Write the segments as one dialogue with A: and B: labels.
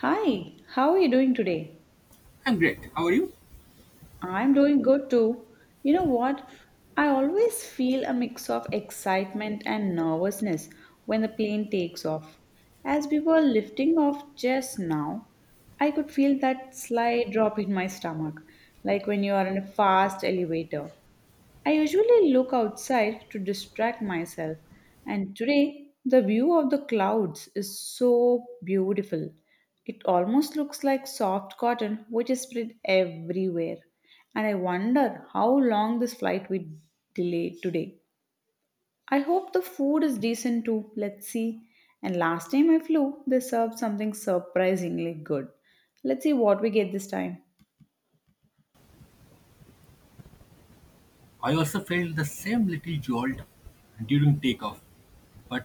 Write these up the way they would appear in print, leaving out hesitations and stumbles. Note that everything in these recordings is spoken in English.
A: Hi, how are you doing today?
B: I'm great. How are you?
A: I'm doing good too. You know what? I always feel a mix of excitement and nervousness when the plane takes off. As we were lifting off just now, I could feel that slight drop in my stomach, like when you are in a fast elevator. I usually look outside to distract myself, and today the view of the clouds is so beautiful. It almost looks like soft cotton which is spread everywhere. And I wonder how long this flight will delay today. I hope the food is decent too. Let's see. And last time I flew, they served something surprisingly good. Let's see what we get this time.
B: I also felt the same little jolt during takeoff, but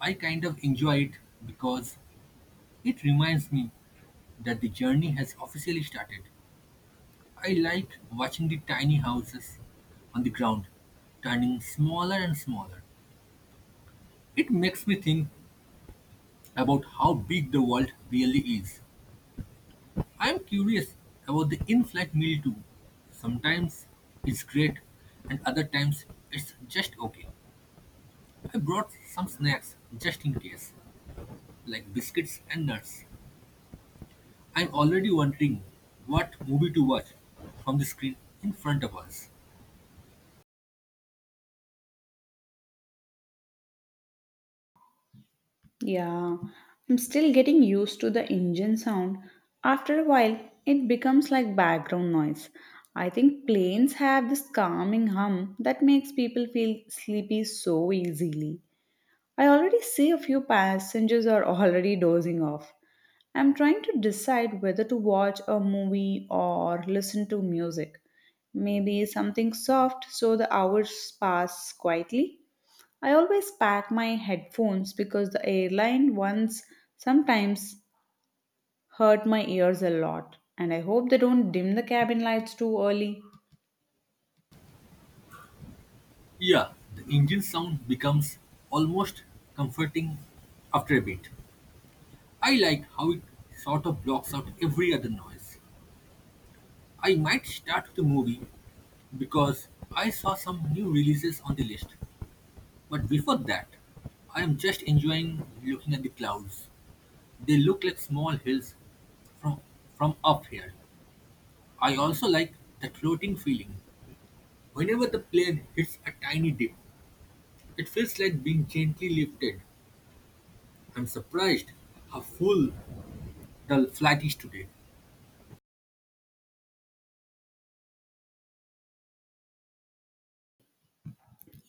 B: I kind of enjoy it because it reminds me that the journey has officially started. I like watching the tiny houses on the ground turning smaller and smaller. It makes me think about how big the world really is. I'm curious about the in flight meal too. Sometimes it's great, and other times it's just okay. I brought some snacks just in case, like biscuits and nuts. I'm already wondering what movie to watch from the screen in front of us.
A: Yeah, I'm still getting used to the engine sound. After a while, it becomes like background noise. I think planes have this calming hum that makes people feel sleepy so easily. I already see a few passengers are already dozing off. I'm trying to decide whether to watch a movie or listen to music. Maybe something soft so the hours pass quietly. I always pack my headphones because the airline ones sometimes hurt my ears a lot, and I hope they don't dim the cabin lights too early.
B: Yeah, the engine sound becomes almost comforting after a bit. I like how it sort of blocks out every other noise. I might start the movie because I saw some new releases on the list. But before that, I am just enjoying looking at the clouds. They look like small hills from from up here. I also like that floating feeling. Whenever the plane hits a tiny dip, it feels like being gently lifted. I'm surprised how full the flight is today.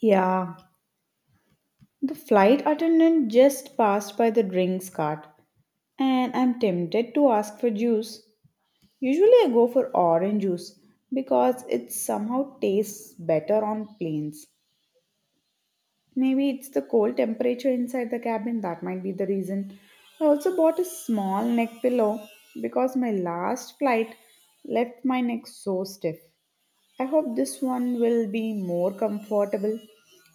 A: Yeah, the flight attendant just passed by the drinks cart, and I'm tempted to ask for juice. Usually, I go for orange juice because it somehow tastes better on planes. Maybe it's the cold temperature inside the cabin that might be the reason. I also bought a small neck pillow because my last flight left my neck so stiff. I hope this one will be more comfortable.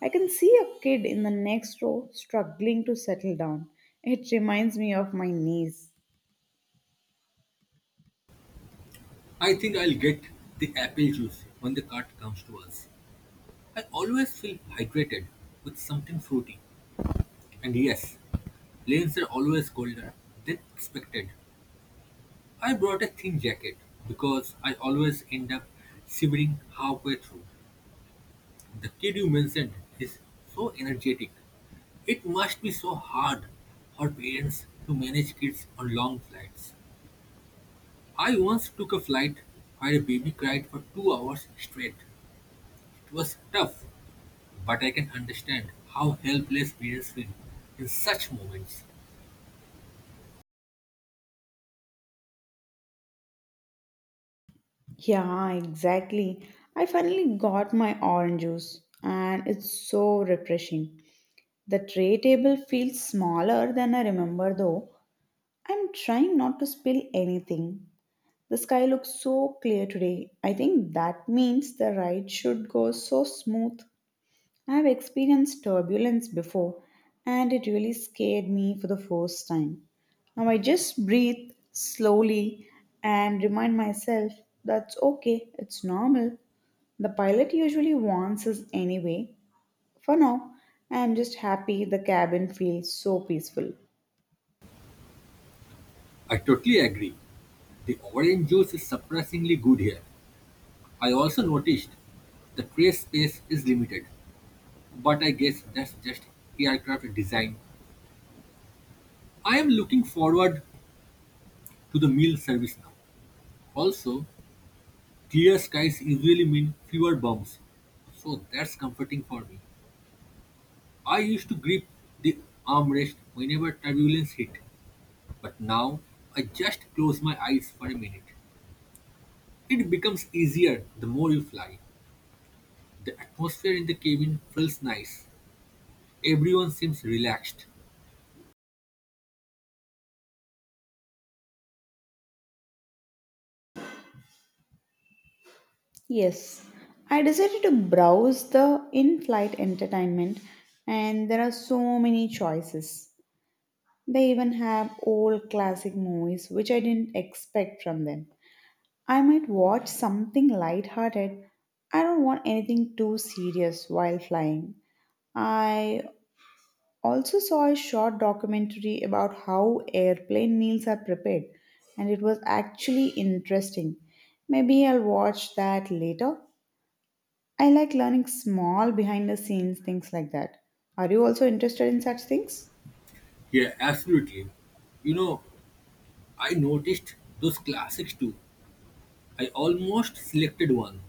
A: I can see a kid in the next row struggling to settle down. It reminds me of my niece.
B: I think I'll get the apple juice when the cart comes to us. I always feel hydrated with something fruity. And yes, planes are always colder than expected. I brought a thin jacket because I always end up shivering halfway through. The kid you mentioned is so energetic. It must be so hard for parents to manage kids on long flights. I once took a flight where a baby cried for 2 hours straight. It was tough, but I can understand how helpless parents feel in such moments.
A: Yeah, exactly. I finally got my orange juice and it's so refreshing. The tray table feels smaller than I remember though. I'm trying not to spill anything. The sky looks so clear today. I think that means the ride should go so smooth. I've experienced turbulence before and it really scared me for the first time. Now I just breathe slowly and remind myself that's okay, it's normal. The pilot usually warns us anyway. For now, I am just happy the cabin feels so peaceful.
B: I totally agree. The orange juice is surprisingly good here. I also noticed the tray space is limited, but I guess that's just aircraft design. I am looking forward to the meal service now. Also, clear skies usually mean fewer bombs, so that's comforting for me. I used to grip the armrest whenever turbulence hit, but now I just close my eyes for a minute. It becomes easier the more you fly. The atmosphere in the cabin feels nice. Everyone seems relaxed.
A: Yes, I decided to browse the in flight entertainment, and there are so many choices. They even have old classic movies, which I didn't expect from them. I might watch something light-hearted. I don't want anything too serious while flying. I also saw a short documentary about how airplane meals are prepared, and it was actually interesting. Maybe I'll watch that later. I like learning small behind the scenes things like that. Are you also interested in such things?
B: Yeah, absolutely. You know, I noticed those classics too. I almost selected one,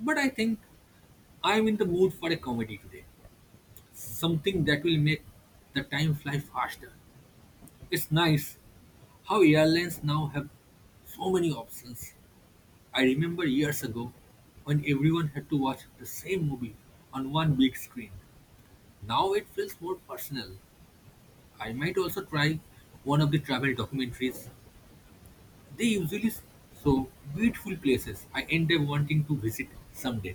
B: but I think I'm in the mood for a comedy today. Something that will make the time fly faster. It's nice how airlines now have so many options. I remember years ago when everyone had to watch the same movie on one big screen. Now it feels more personal. I might also try one of the travel documentaries. They usually show beautiful places I end up wanting to visit someday.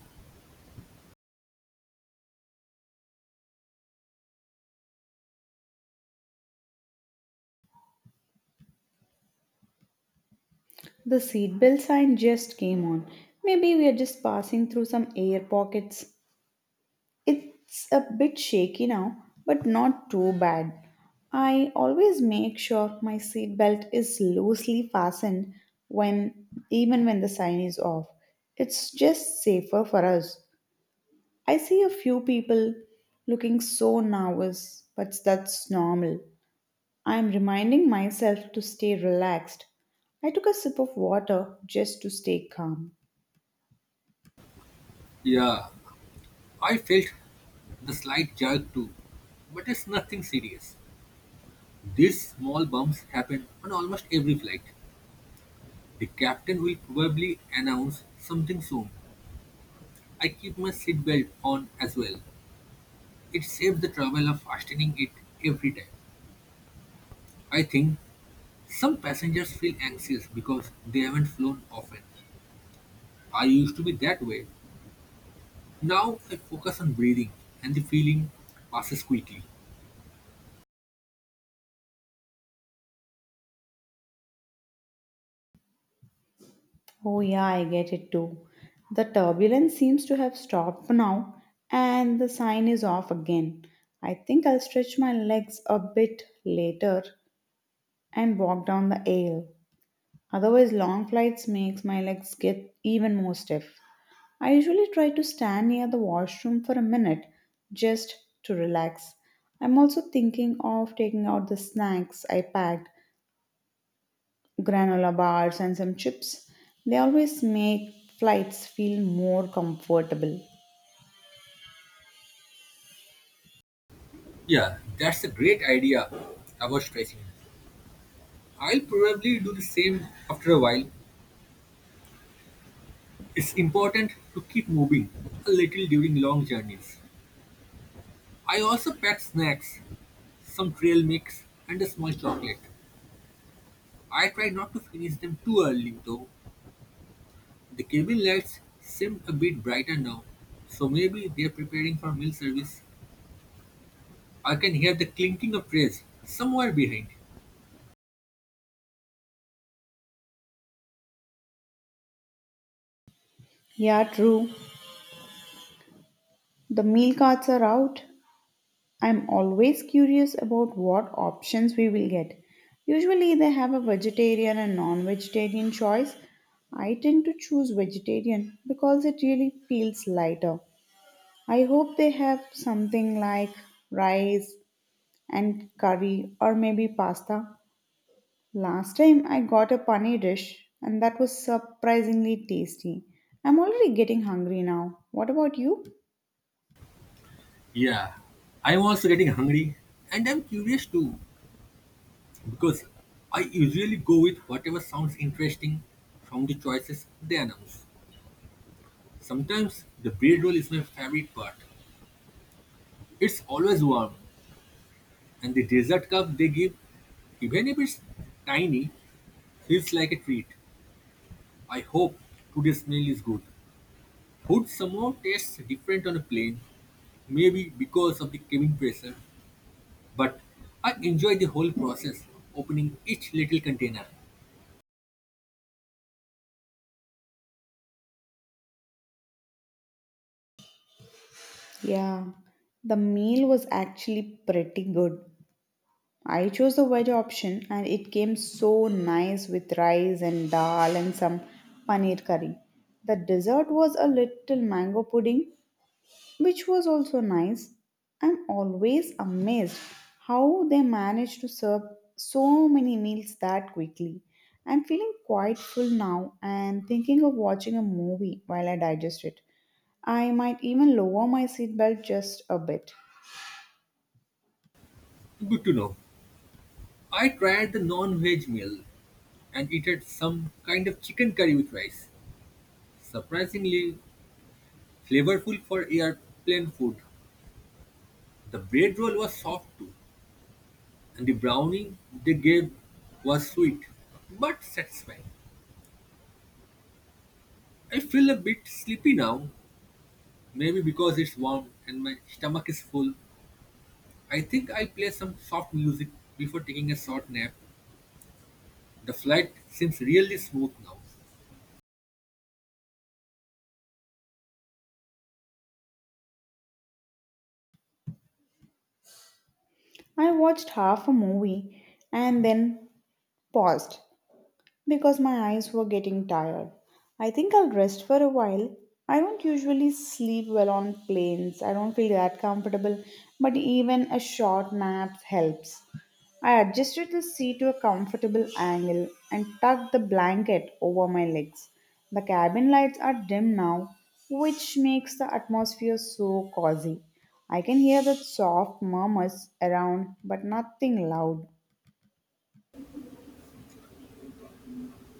A: The seatbelt sign just came on. Maybe we are just passing through some air pockets. It's a bit shaky now, but not too bad. I always make sure my seatbelt is loosely fastened when even when the sign is off. It's just safer for us. I see a few people looking so nervous, but that's normal. I am reminding myself to stay relaxed. I took a sip of water just to stay calm.
B: Yeah, I felt the slight jerk too, but it's nothing serious. These small bumps happen on almost every flight. The captain will probably announce something soon. I keep my seatbelt on as well. It saves the trouble of fastening it every time. I think some passengers feel anxious because they haven't flown often. I used to be that way. Now I focus on breathing and the feeling passes quickly.
A: Oh, yeah, I get it too. The turbulence seems to have stopped now and the sign is off again. I think I'll stretch my legs a bit later and walk down the aisle. Otherwise, long flights makes my legs get even more stiff. I usually try to stand near the washroom for a minute just to relax. I'm also thinking of taking out the snacks I packed granola bars and some chips. They always make flights feel more comfortable.
B: Yeah, that's a great idea about stretching. I'll probably do the same after a while. It's important to keep moving a little during long journeys. I also pack snacks, some trail mix, and a small chocolate. I try not to finish them too early though. The cabin lights seem a bit brighter now, so maybe they're preparing for meal service. I can hear the clinking of trays somewhere behind.
A: Yeah, true. The meal cards are out. I'm always curious about what options we will get. Usually, they have a vegetarian and non vegetarian choice. I tend to choose vegetarian because it really feels lighter. I hope they have something like rice and curry or maybe pasta. Last time I got a paneer dish and that was surprisingly tasty. I'm already getting hungry now. What about you?
B: Yeah, I'm also getting hungry, and I'm curious too. Because I usually go with whatever sounds interesting from the choices they announce. Sometimes the bread roll is my favorite part. It's always warm, and the dessert cup they give, even if it's tiny, feels like a treat. I hope today's meal is good. Food somehow tastes different on a plane, maybe because of the cabin pressure, but I enjoy the whole process, opening each little container.
A: Yeah, the meal was actually pretty good. I chose the veg option and it came so nice with rice and dal and some paneer curry. The dessert was a little mango pudding which was also nice. I'm always amazed how they manage to serve so many meals that quickly. I'm feeling quite full now and thinking of watching a movie while I digest it. I might even lower my seatbelt just a bit.
B: Good to know. I tried the non-veg meal and it had some kind of chicken curry with rice. Surprisingly flavorful for airplane food. The bread roll was soft too, and the brownie they gave was sweet but satisfying. I feel a bit sleepy now, maybe because it's warm and my stomach is full. I think I'll play some soft music before taking a short nap. The flight seems really smooth now.
A: I watched half a movie and then paused because my eyes were getting tired. I think I'll rest for a while. I don't usually sleep well on planes, I don't feel that comfortable, but even a short nap helps. I adjusted the seat to a comfortable angle and tucked the blanket over my legs. The cabin lights are dim now, which makes the atmosphere so cozy. I can hear the soft murmurs around, but nothing loud.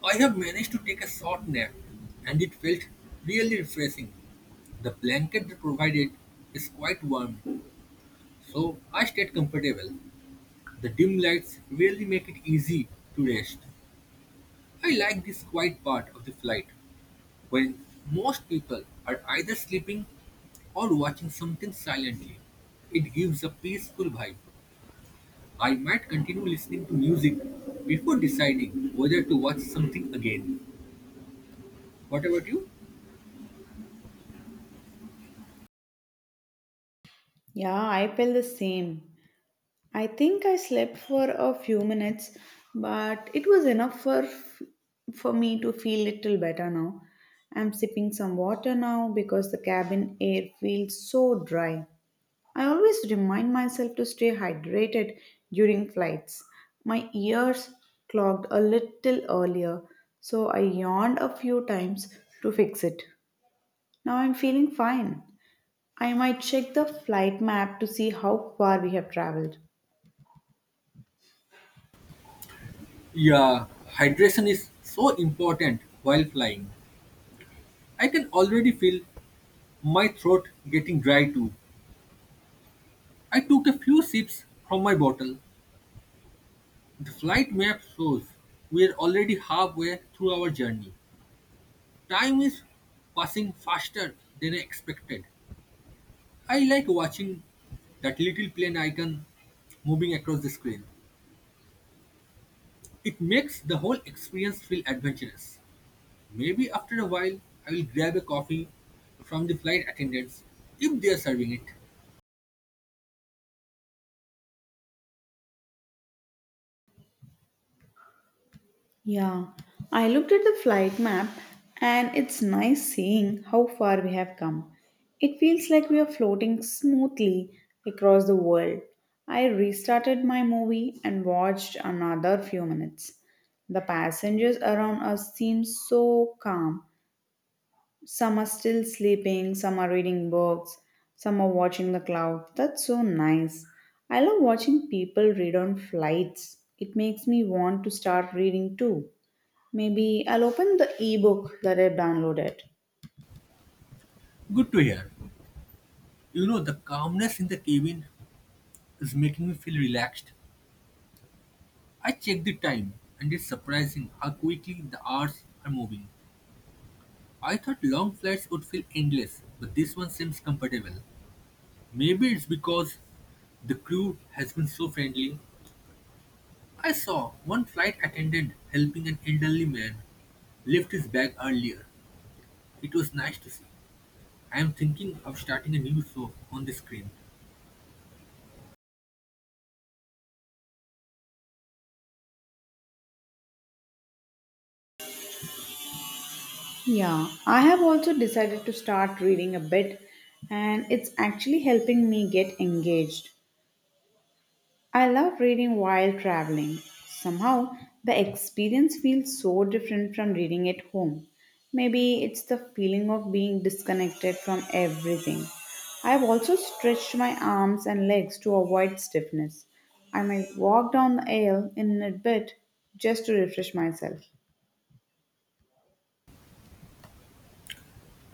B: I have managed to take a short nap, and it felt really refreshing. The blanket they provided is quite warm, so I stayed comfortable. The dim lights really make it easy to rest. I like this quiet part of the flight when most people are either sleeping or watching something silently. It gives a peaceful vibe. I might continue listening to music before deciding whether to watch something again. What about you?
A: Yeah, I feel the same. I think I slept for a few minutes, but it was enough for me to feel little better now. I'm sipping some water now because the cabin air feels so dry. I always remind myself to stay hydrated during flights. My ears clogged a little earlier, so I yawned a few times to fix it. Now I'm feeling fine. I might check the flight map to see how far we have traveled.
B: Yeah, hydration is so important while flying. I can already feel my throat getting dry too. I took a few sips from my bottle. The flight map shows we are already halfway through our journey. Time is passing faster than I expected. I like watching that little plane icon moving across the screen. It makes the whole experience feel adventurous. Maybe after a while I will grab a coffee from the flight attendants if they are serving it.
A: Yeah, I looked at the flight map and it's nice seeing how far we have come. It feels like we are floating smoothly across the world. I restarted my movie and watched another few minutes. The passengers around us seem so calm. Some are still sleeping, some are reading books, some are watching the clouds. That's so nice. I love watching people read on flights. It makes me want to start reading too. Maybe I'll open the ebook that I've downloaded.
B: Good to hear. You know, the calmness in the cabin is making me feel relaxed. I check the time and it's surprising how quickly the hours are moving. I thought long flights would feel endless, but this one seems comfortable. Maybe it's because the crew has been so friendly. I saw one flight attendant helping an elderly man lift his bag earlier. It was nice to see. I'm thinking of starting a new show on the screen.
A: Yeah, I have also decided to start reading a bit, and it's actually helping me get engaged. I love reading while traveling. Somehow, the experience feels so different from reading at home. Maybe it's the feeling of being disconnected from everything. I've also stretched my arms and legs to avoid stiffness. I might walk down the aisle in a bit just to refresh myself.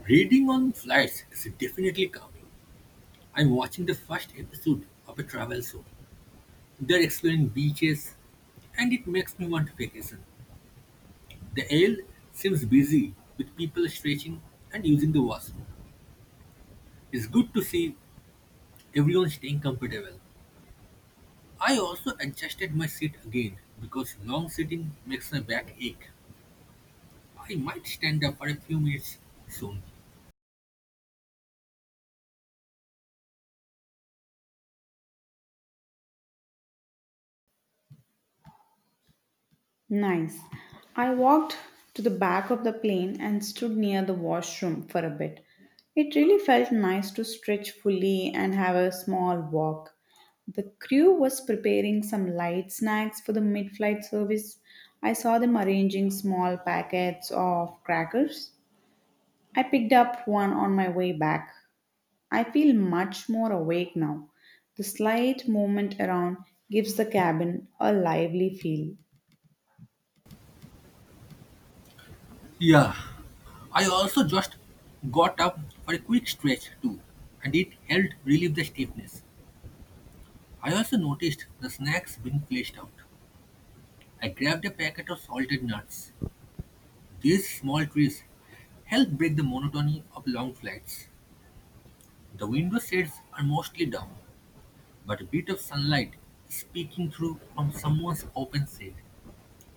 B: Reading on flights is definitely calming. I'm watching the first episode of a travel show. They're exploring beaches, and it makes me want a vacation. The aisle seems busy with people stretching and using the washroom. It's good to see everyone staying comfortable. I also adjusted my seat again because long sitting makes my back ache. I might stand up for a few minutes soon.
A: Nice. I walked to the back of the plane and stood near the washroom for a bit. It really felt nice to stretch fully and have a small walk. The crew was preparing some light snacks for the mid flight service. I saw them arranging small packets of crackers. I picked up one on my way back. I feel much more awake now. The slight movement around gives the cabin a lively feel.
B: Yeah, I also just got up for a quick stretch too, and it helped relieve the stiffness. I also noticed the snacks being placed out. I grabbed a packet of salted nuts. These small treats help break the monotony of long flights. The window shades are mostly down, but a bit of sunlight speaking through from someone's open shade.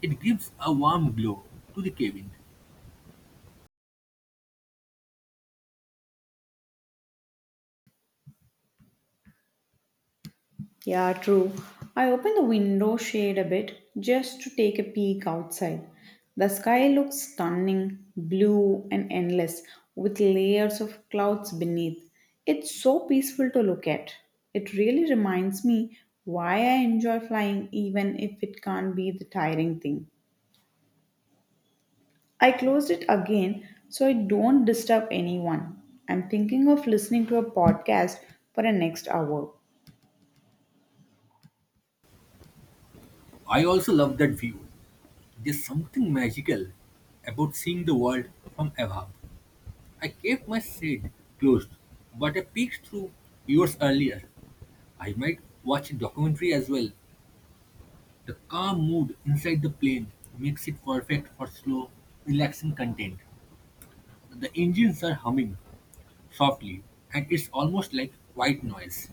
B: It gives a warm glow to the cabin.
A: Yeah, true. I open the window shade a bit just to take a peek outside. The sky looks stunning, blue and endless, with layers of clouds beneath. It's so peaceful to look at. It really reminds me why I enjoy flying, even if it can't be the tiring thing. I closed it again so I don't disturb anyone. I'm thinking of listening to a podcast for the next hour.
B: I also love that view. There's something magical about seeing the world from above. I kept my shade closed, but I peeked through years earlier. I might watch a documentary as well. The calm mood inside the plane makes it perfect for slow, relaxing content. The engines are humming softly, and it's almost like white noise.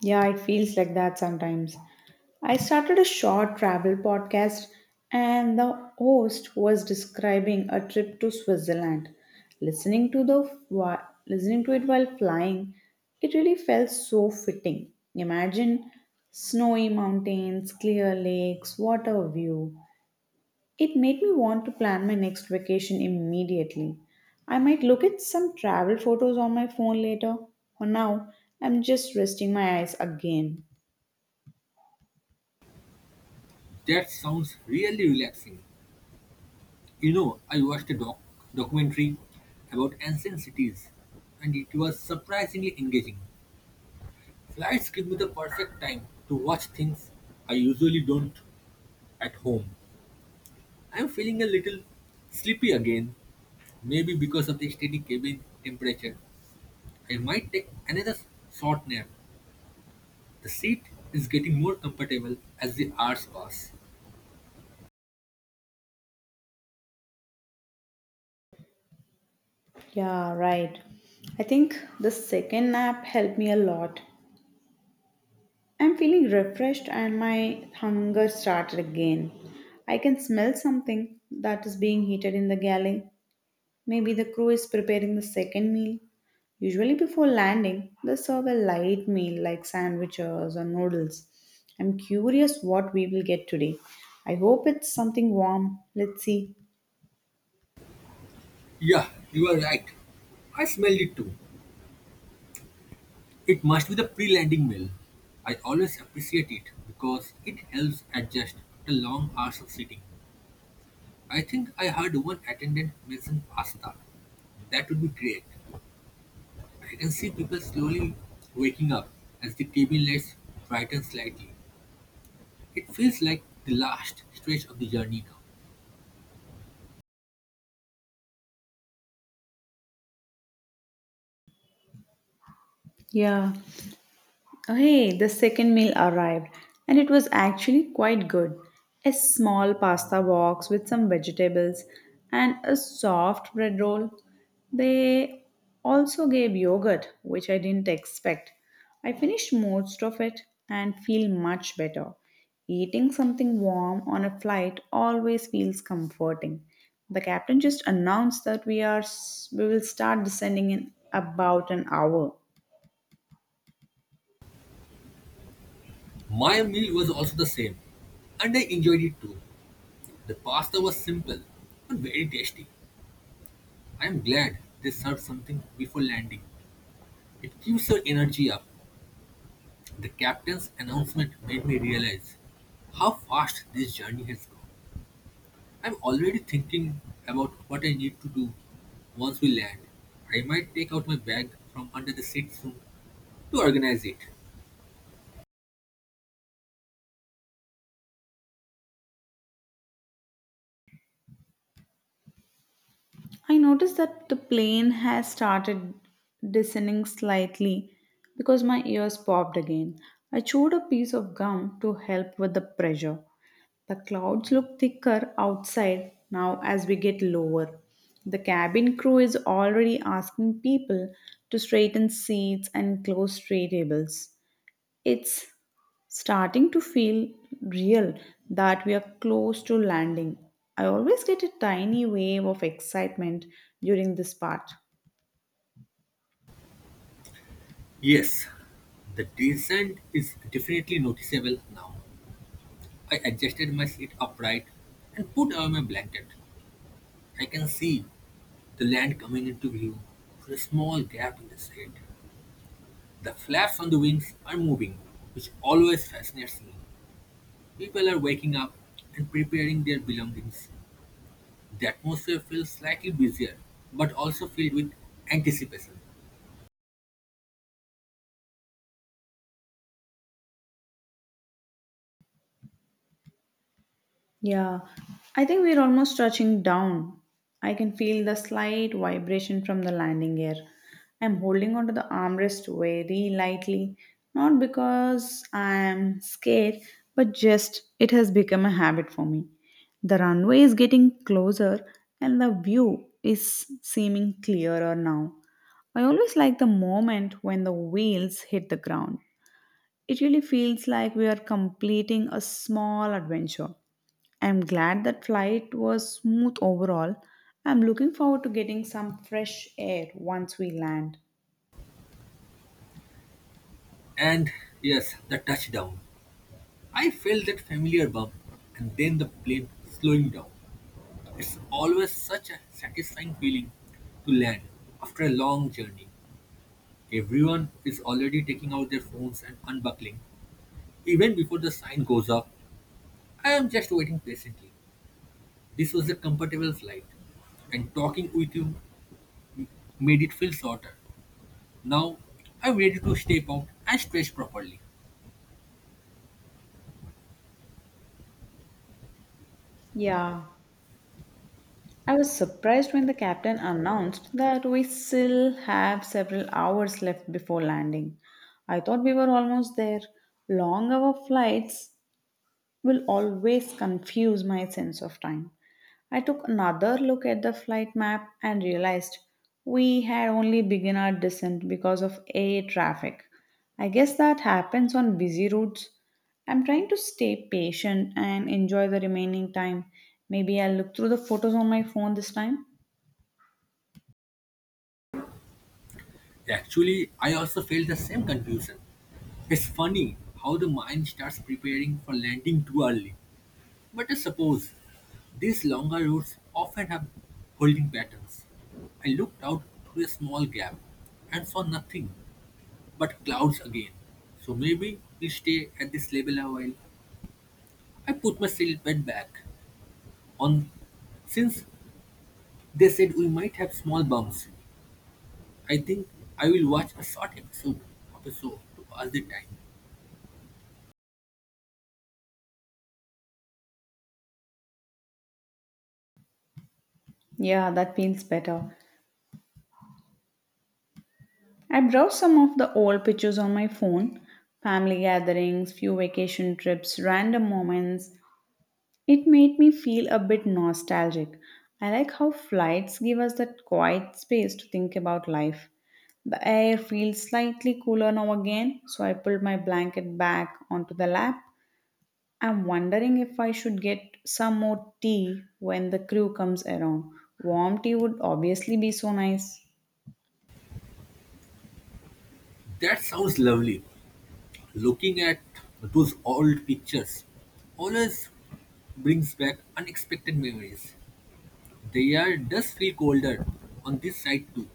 A: Yeah, it feels like that sometimes. I started a short travel podcast, and the host was describing a trip to Switzerland. Listening to the Listening to it while flying, it really felt so fitting. Imagine snowy mountains, clear lakes, water view, it made me want to plan my next vacation immediately. I might look at some travel photos on my phone later. For now, I'm just resting my eyes again.
B: That sounds really relaxing. You know, I watched a documentary about ancient cities, and it was surprisingly engaging. Flights give me the perfect time to watch things I usually don't. At home, I'm feeling a little sleepy again. Maybe because of the steady cabin temperature, I might take another short nap. The seat is getting more comfortable as the hours pass.
A: Yeah, right. I think the second nap helped me a lot. I'm feeling refreshed and my hunger started again. I can smell something that is being heated in the galley. Maybe the crew is preparing the second meal. Usually, before landing, they serve a light meal like sandwiches or noodles. I'm curious what we will get today. I hope it's something warm. Let's see.
B: Yeah, you are right. I smelled it too. It must be the pre landing meal. I always appreciate it because it helps adjust after long hours of sitting. I think I heard one attendant mention pasta. That would be great. I can see people slowly waking up as the cabin lights brighten slightly. It feels like the last stretch of the journey now.
A: Yeah, hey, the second meal arrived, and it was actually quite good. A small pasta box with some vegetables and a soft bread roll. They also gave yogurt, which I didn't expect. I finished most of it and feel much better. Eating something warm on a flight always feels comforting. The captain just announced that we will start descending in about an hour.
B: My meal was also the same, and I enjoyed it too. The pasta was simple but very tasty. I am glad they served something before landing. It keeps your energy up. The captain's announcement made me realize how fast this journey has gone. I'm already thinking about what I need to do once we land. I might take out my bag from under the seat soon to organize it.
A: I noticed that the plane has started descending slightly because my ears popped again. I chewed a piece of gum to help with the pressure. The clouds look thicker outside now as we get lower. The cabin crew is already asking people to straighten seats and close tray tables. It's starting to feel real that we are close to landing. I always get a tiny wave of excitement during this part.
B: Yes, the descent is definitely noticeable now. I adjusted my seat upright and put away my blanket. I can see the land coming into view through a small gap in the shade. The flaps on the wings are moving, which always fascinates me. People are waking up and preparing their belongings. The atmosphere feels slightly busier, but also filled with anticipation.
A: Yeah, I think we're almost touching down. I can feel the slight vibration from the landing gear. I'm holding onto the armrest very lightly, not because I'm scared, but just it has become a habit for me. The runway is getting closer and the view is seeming clearer now. I always like the moment when the wheels hit the ground. It really feels like we are completing a small adventure. I'm glad that flight was smooth overall. I'm looking forward to getting some fresh air once we land.
B: And yes, the touchdown. I felt that familiar bump, and then the plane slowing down. It's always such a satisfying feeling to land after a long journey. Everyone is already taking out their phones and unbuckling. Even before the sign goes up, I am just waiting patiently. This was a comfortable flight, and talking with you made it feel shorter. Now I'm ready to step out and stretch properly.
A: Yeah, I was surprised when the captain announced that we still have several hours left before landing. I thought we were almost there. Long hour flights will always confuse my sense of time. I took another look at the flight map and realized we had only begun our descent because of air traffic. I guess that happens on busy routes. I'm trying to stay patient and enjoy the remaining time. Maybe I'll look through the photos on my phone this time.
B: Actually, I also felt the same confusion. It's funny how the mind starts preparing for landing too early. But I suppose these longer routes often have holding patterns. I looked out through a small gap and saw nothing but clouds again. So maybe we'll stay at this level a while. I put my seatbelt back on since they said we might have small bumps. I think I will watch a short episode of a show to pass the time.
A: Yeah, that feels better. I browsed some of the old pictures on my phone family gatherings, few vacation trips, random moments, it made me feel a bit nostalgic. I like how flights give us that quiet space to think about life. The air feels slightly cooler now again, so I pulled my blanket back onto the lap. I'm wondering if I should get some more tea when the crew comes around. Warm tea would obviously be so nice.
B: That sounds lovely. Looking at those old pictures always brings back unexpected memories. The air does feel colder on this side too.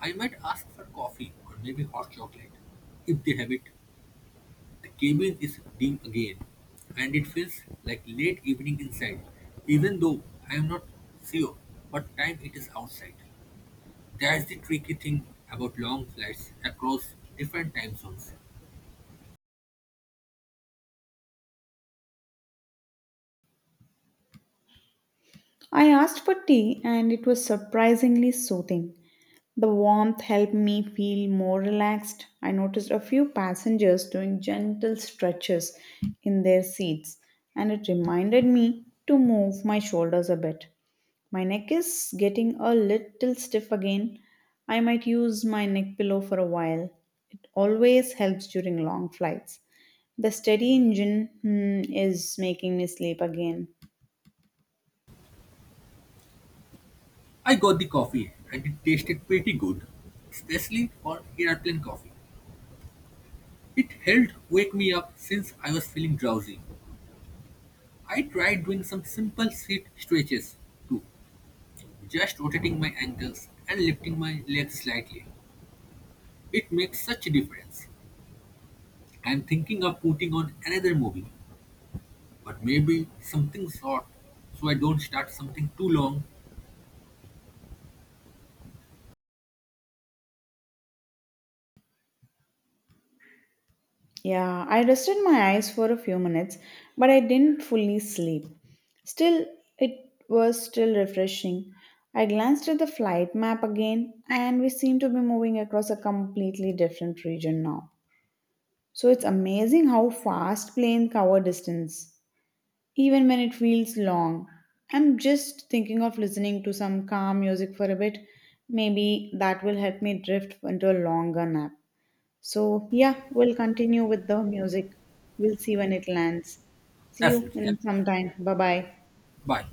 B: I might ask for coffee or maybe hot chocolate. If they have it, the cabin is dim again, and it feels like late evening inside, even though I am not sure what time it is outside. That's the tricky thing about long flights across different time zones.
A: I asked for tea and it was surprisingly soothing. The warmth helped me feel more relaxed. I noticed a few passengers doing gentle stretches in their seats, and it reminded me to move my shoulders a bit. My neck is getting a little stiff again. I might use my neck pillow for a while. It always helps during long flights. The steady engine is making me sleep again.
B: I got the coffee and it tasted pretty good, especially for airplane coffee. It helped wake me up since I was feeling drowsy. I tried doing some simple seat stretches too, just rotating my ankles and lifting my legs slightly. It makes such a difference. I'm thinking of putting on another movie, but maybe something short so I don't start something too long.
A: Yeah, I rested my eyes for a few minutes, but I didn't fully sleep. Still, it was still refreshing. I glanced at the flight map again, and we seem to be moving across a completely different region now. So it's amazing how fast planes cover distance, even when it feels long. I'm just thinking of listening to some calm music for a bit. Maybe that will help me drift into a longer nap. So, yeah, we'll continue with the music. We'll see when it lands. See you
B: Absolutely. Yeah.
A: in some time. Bye bye.
B: Bye.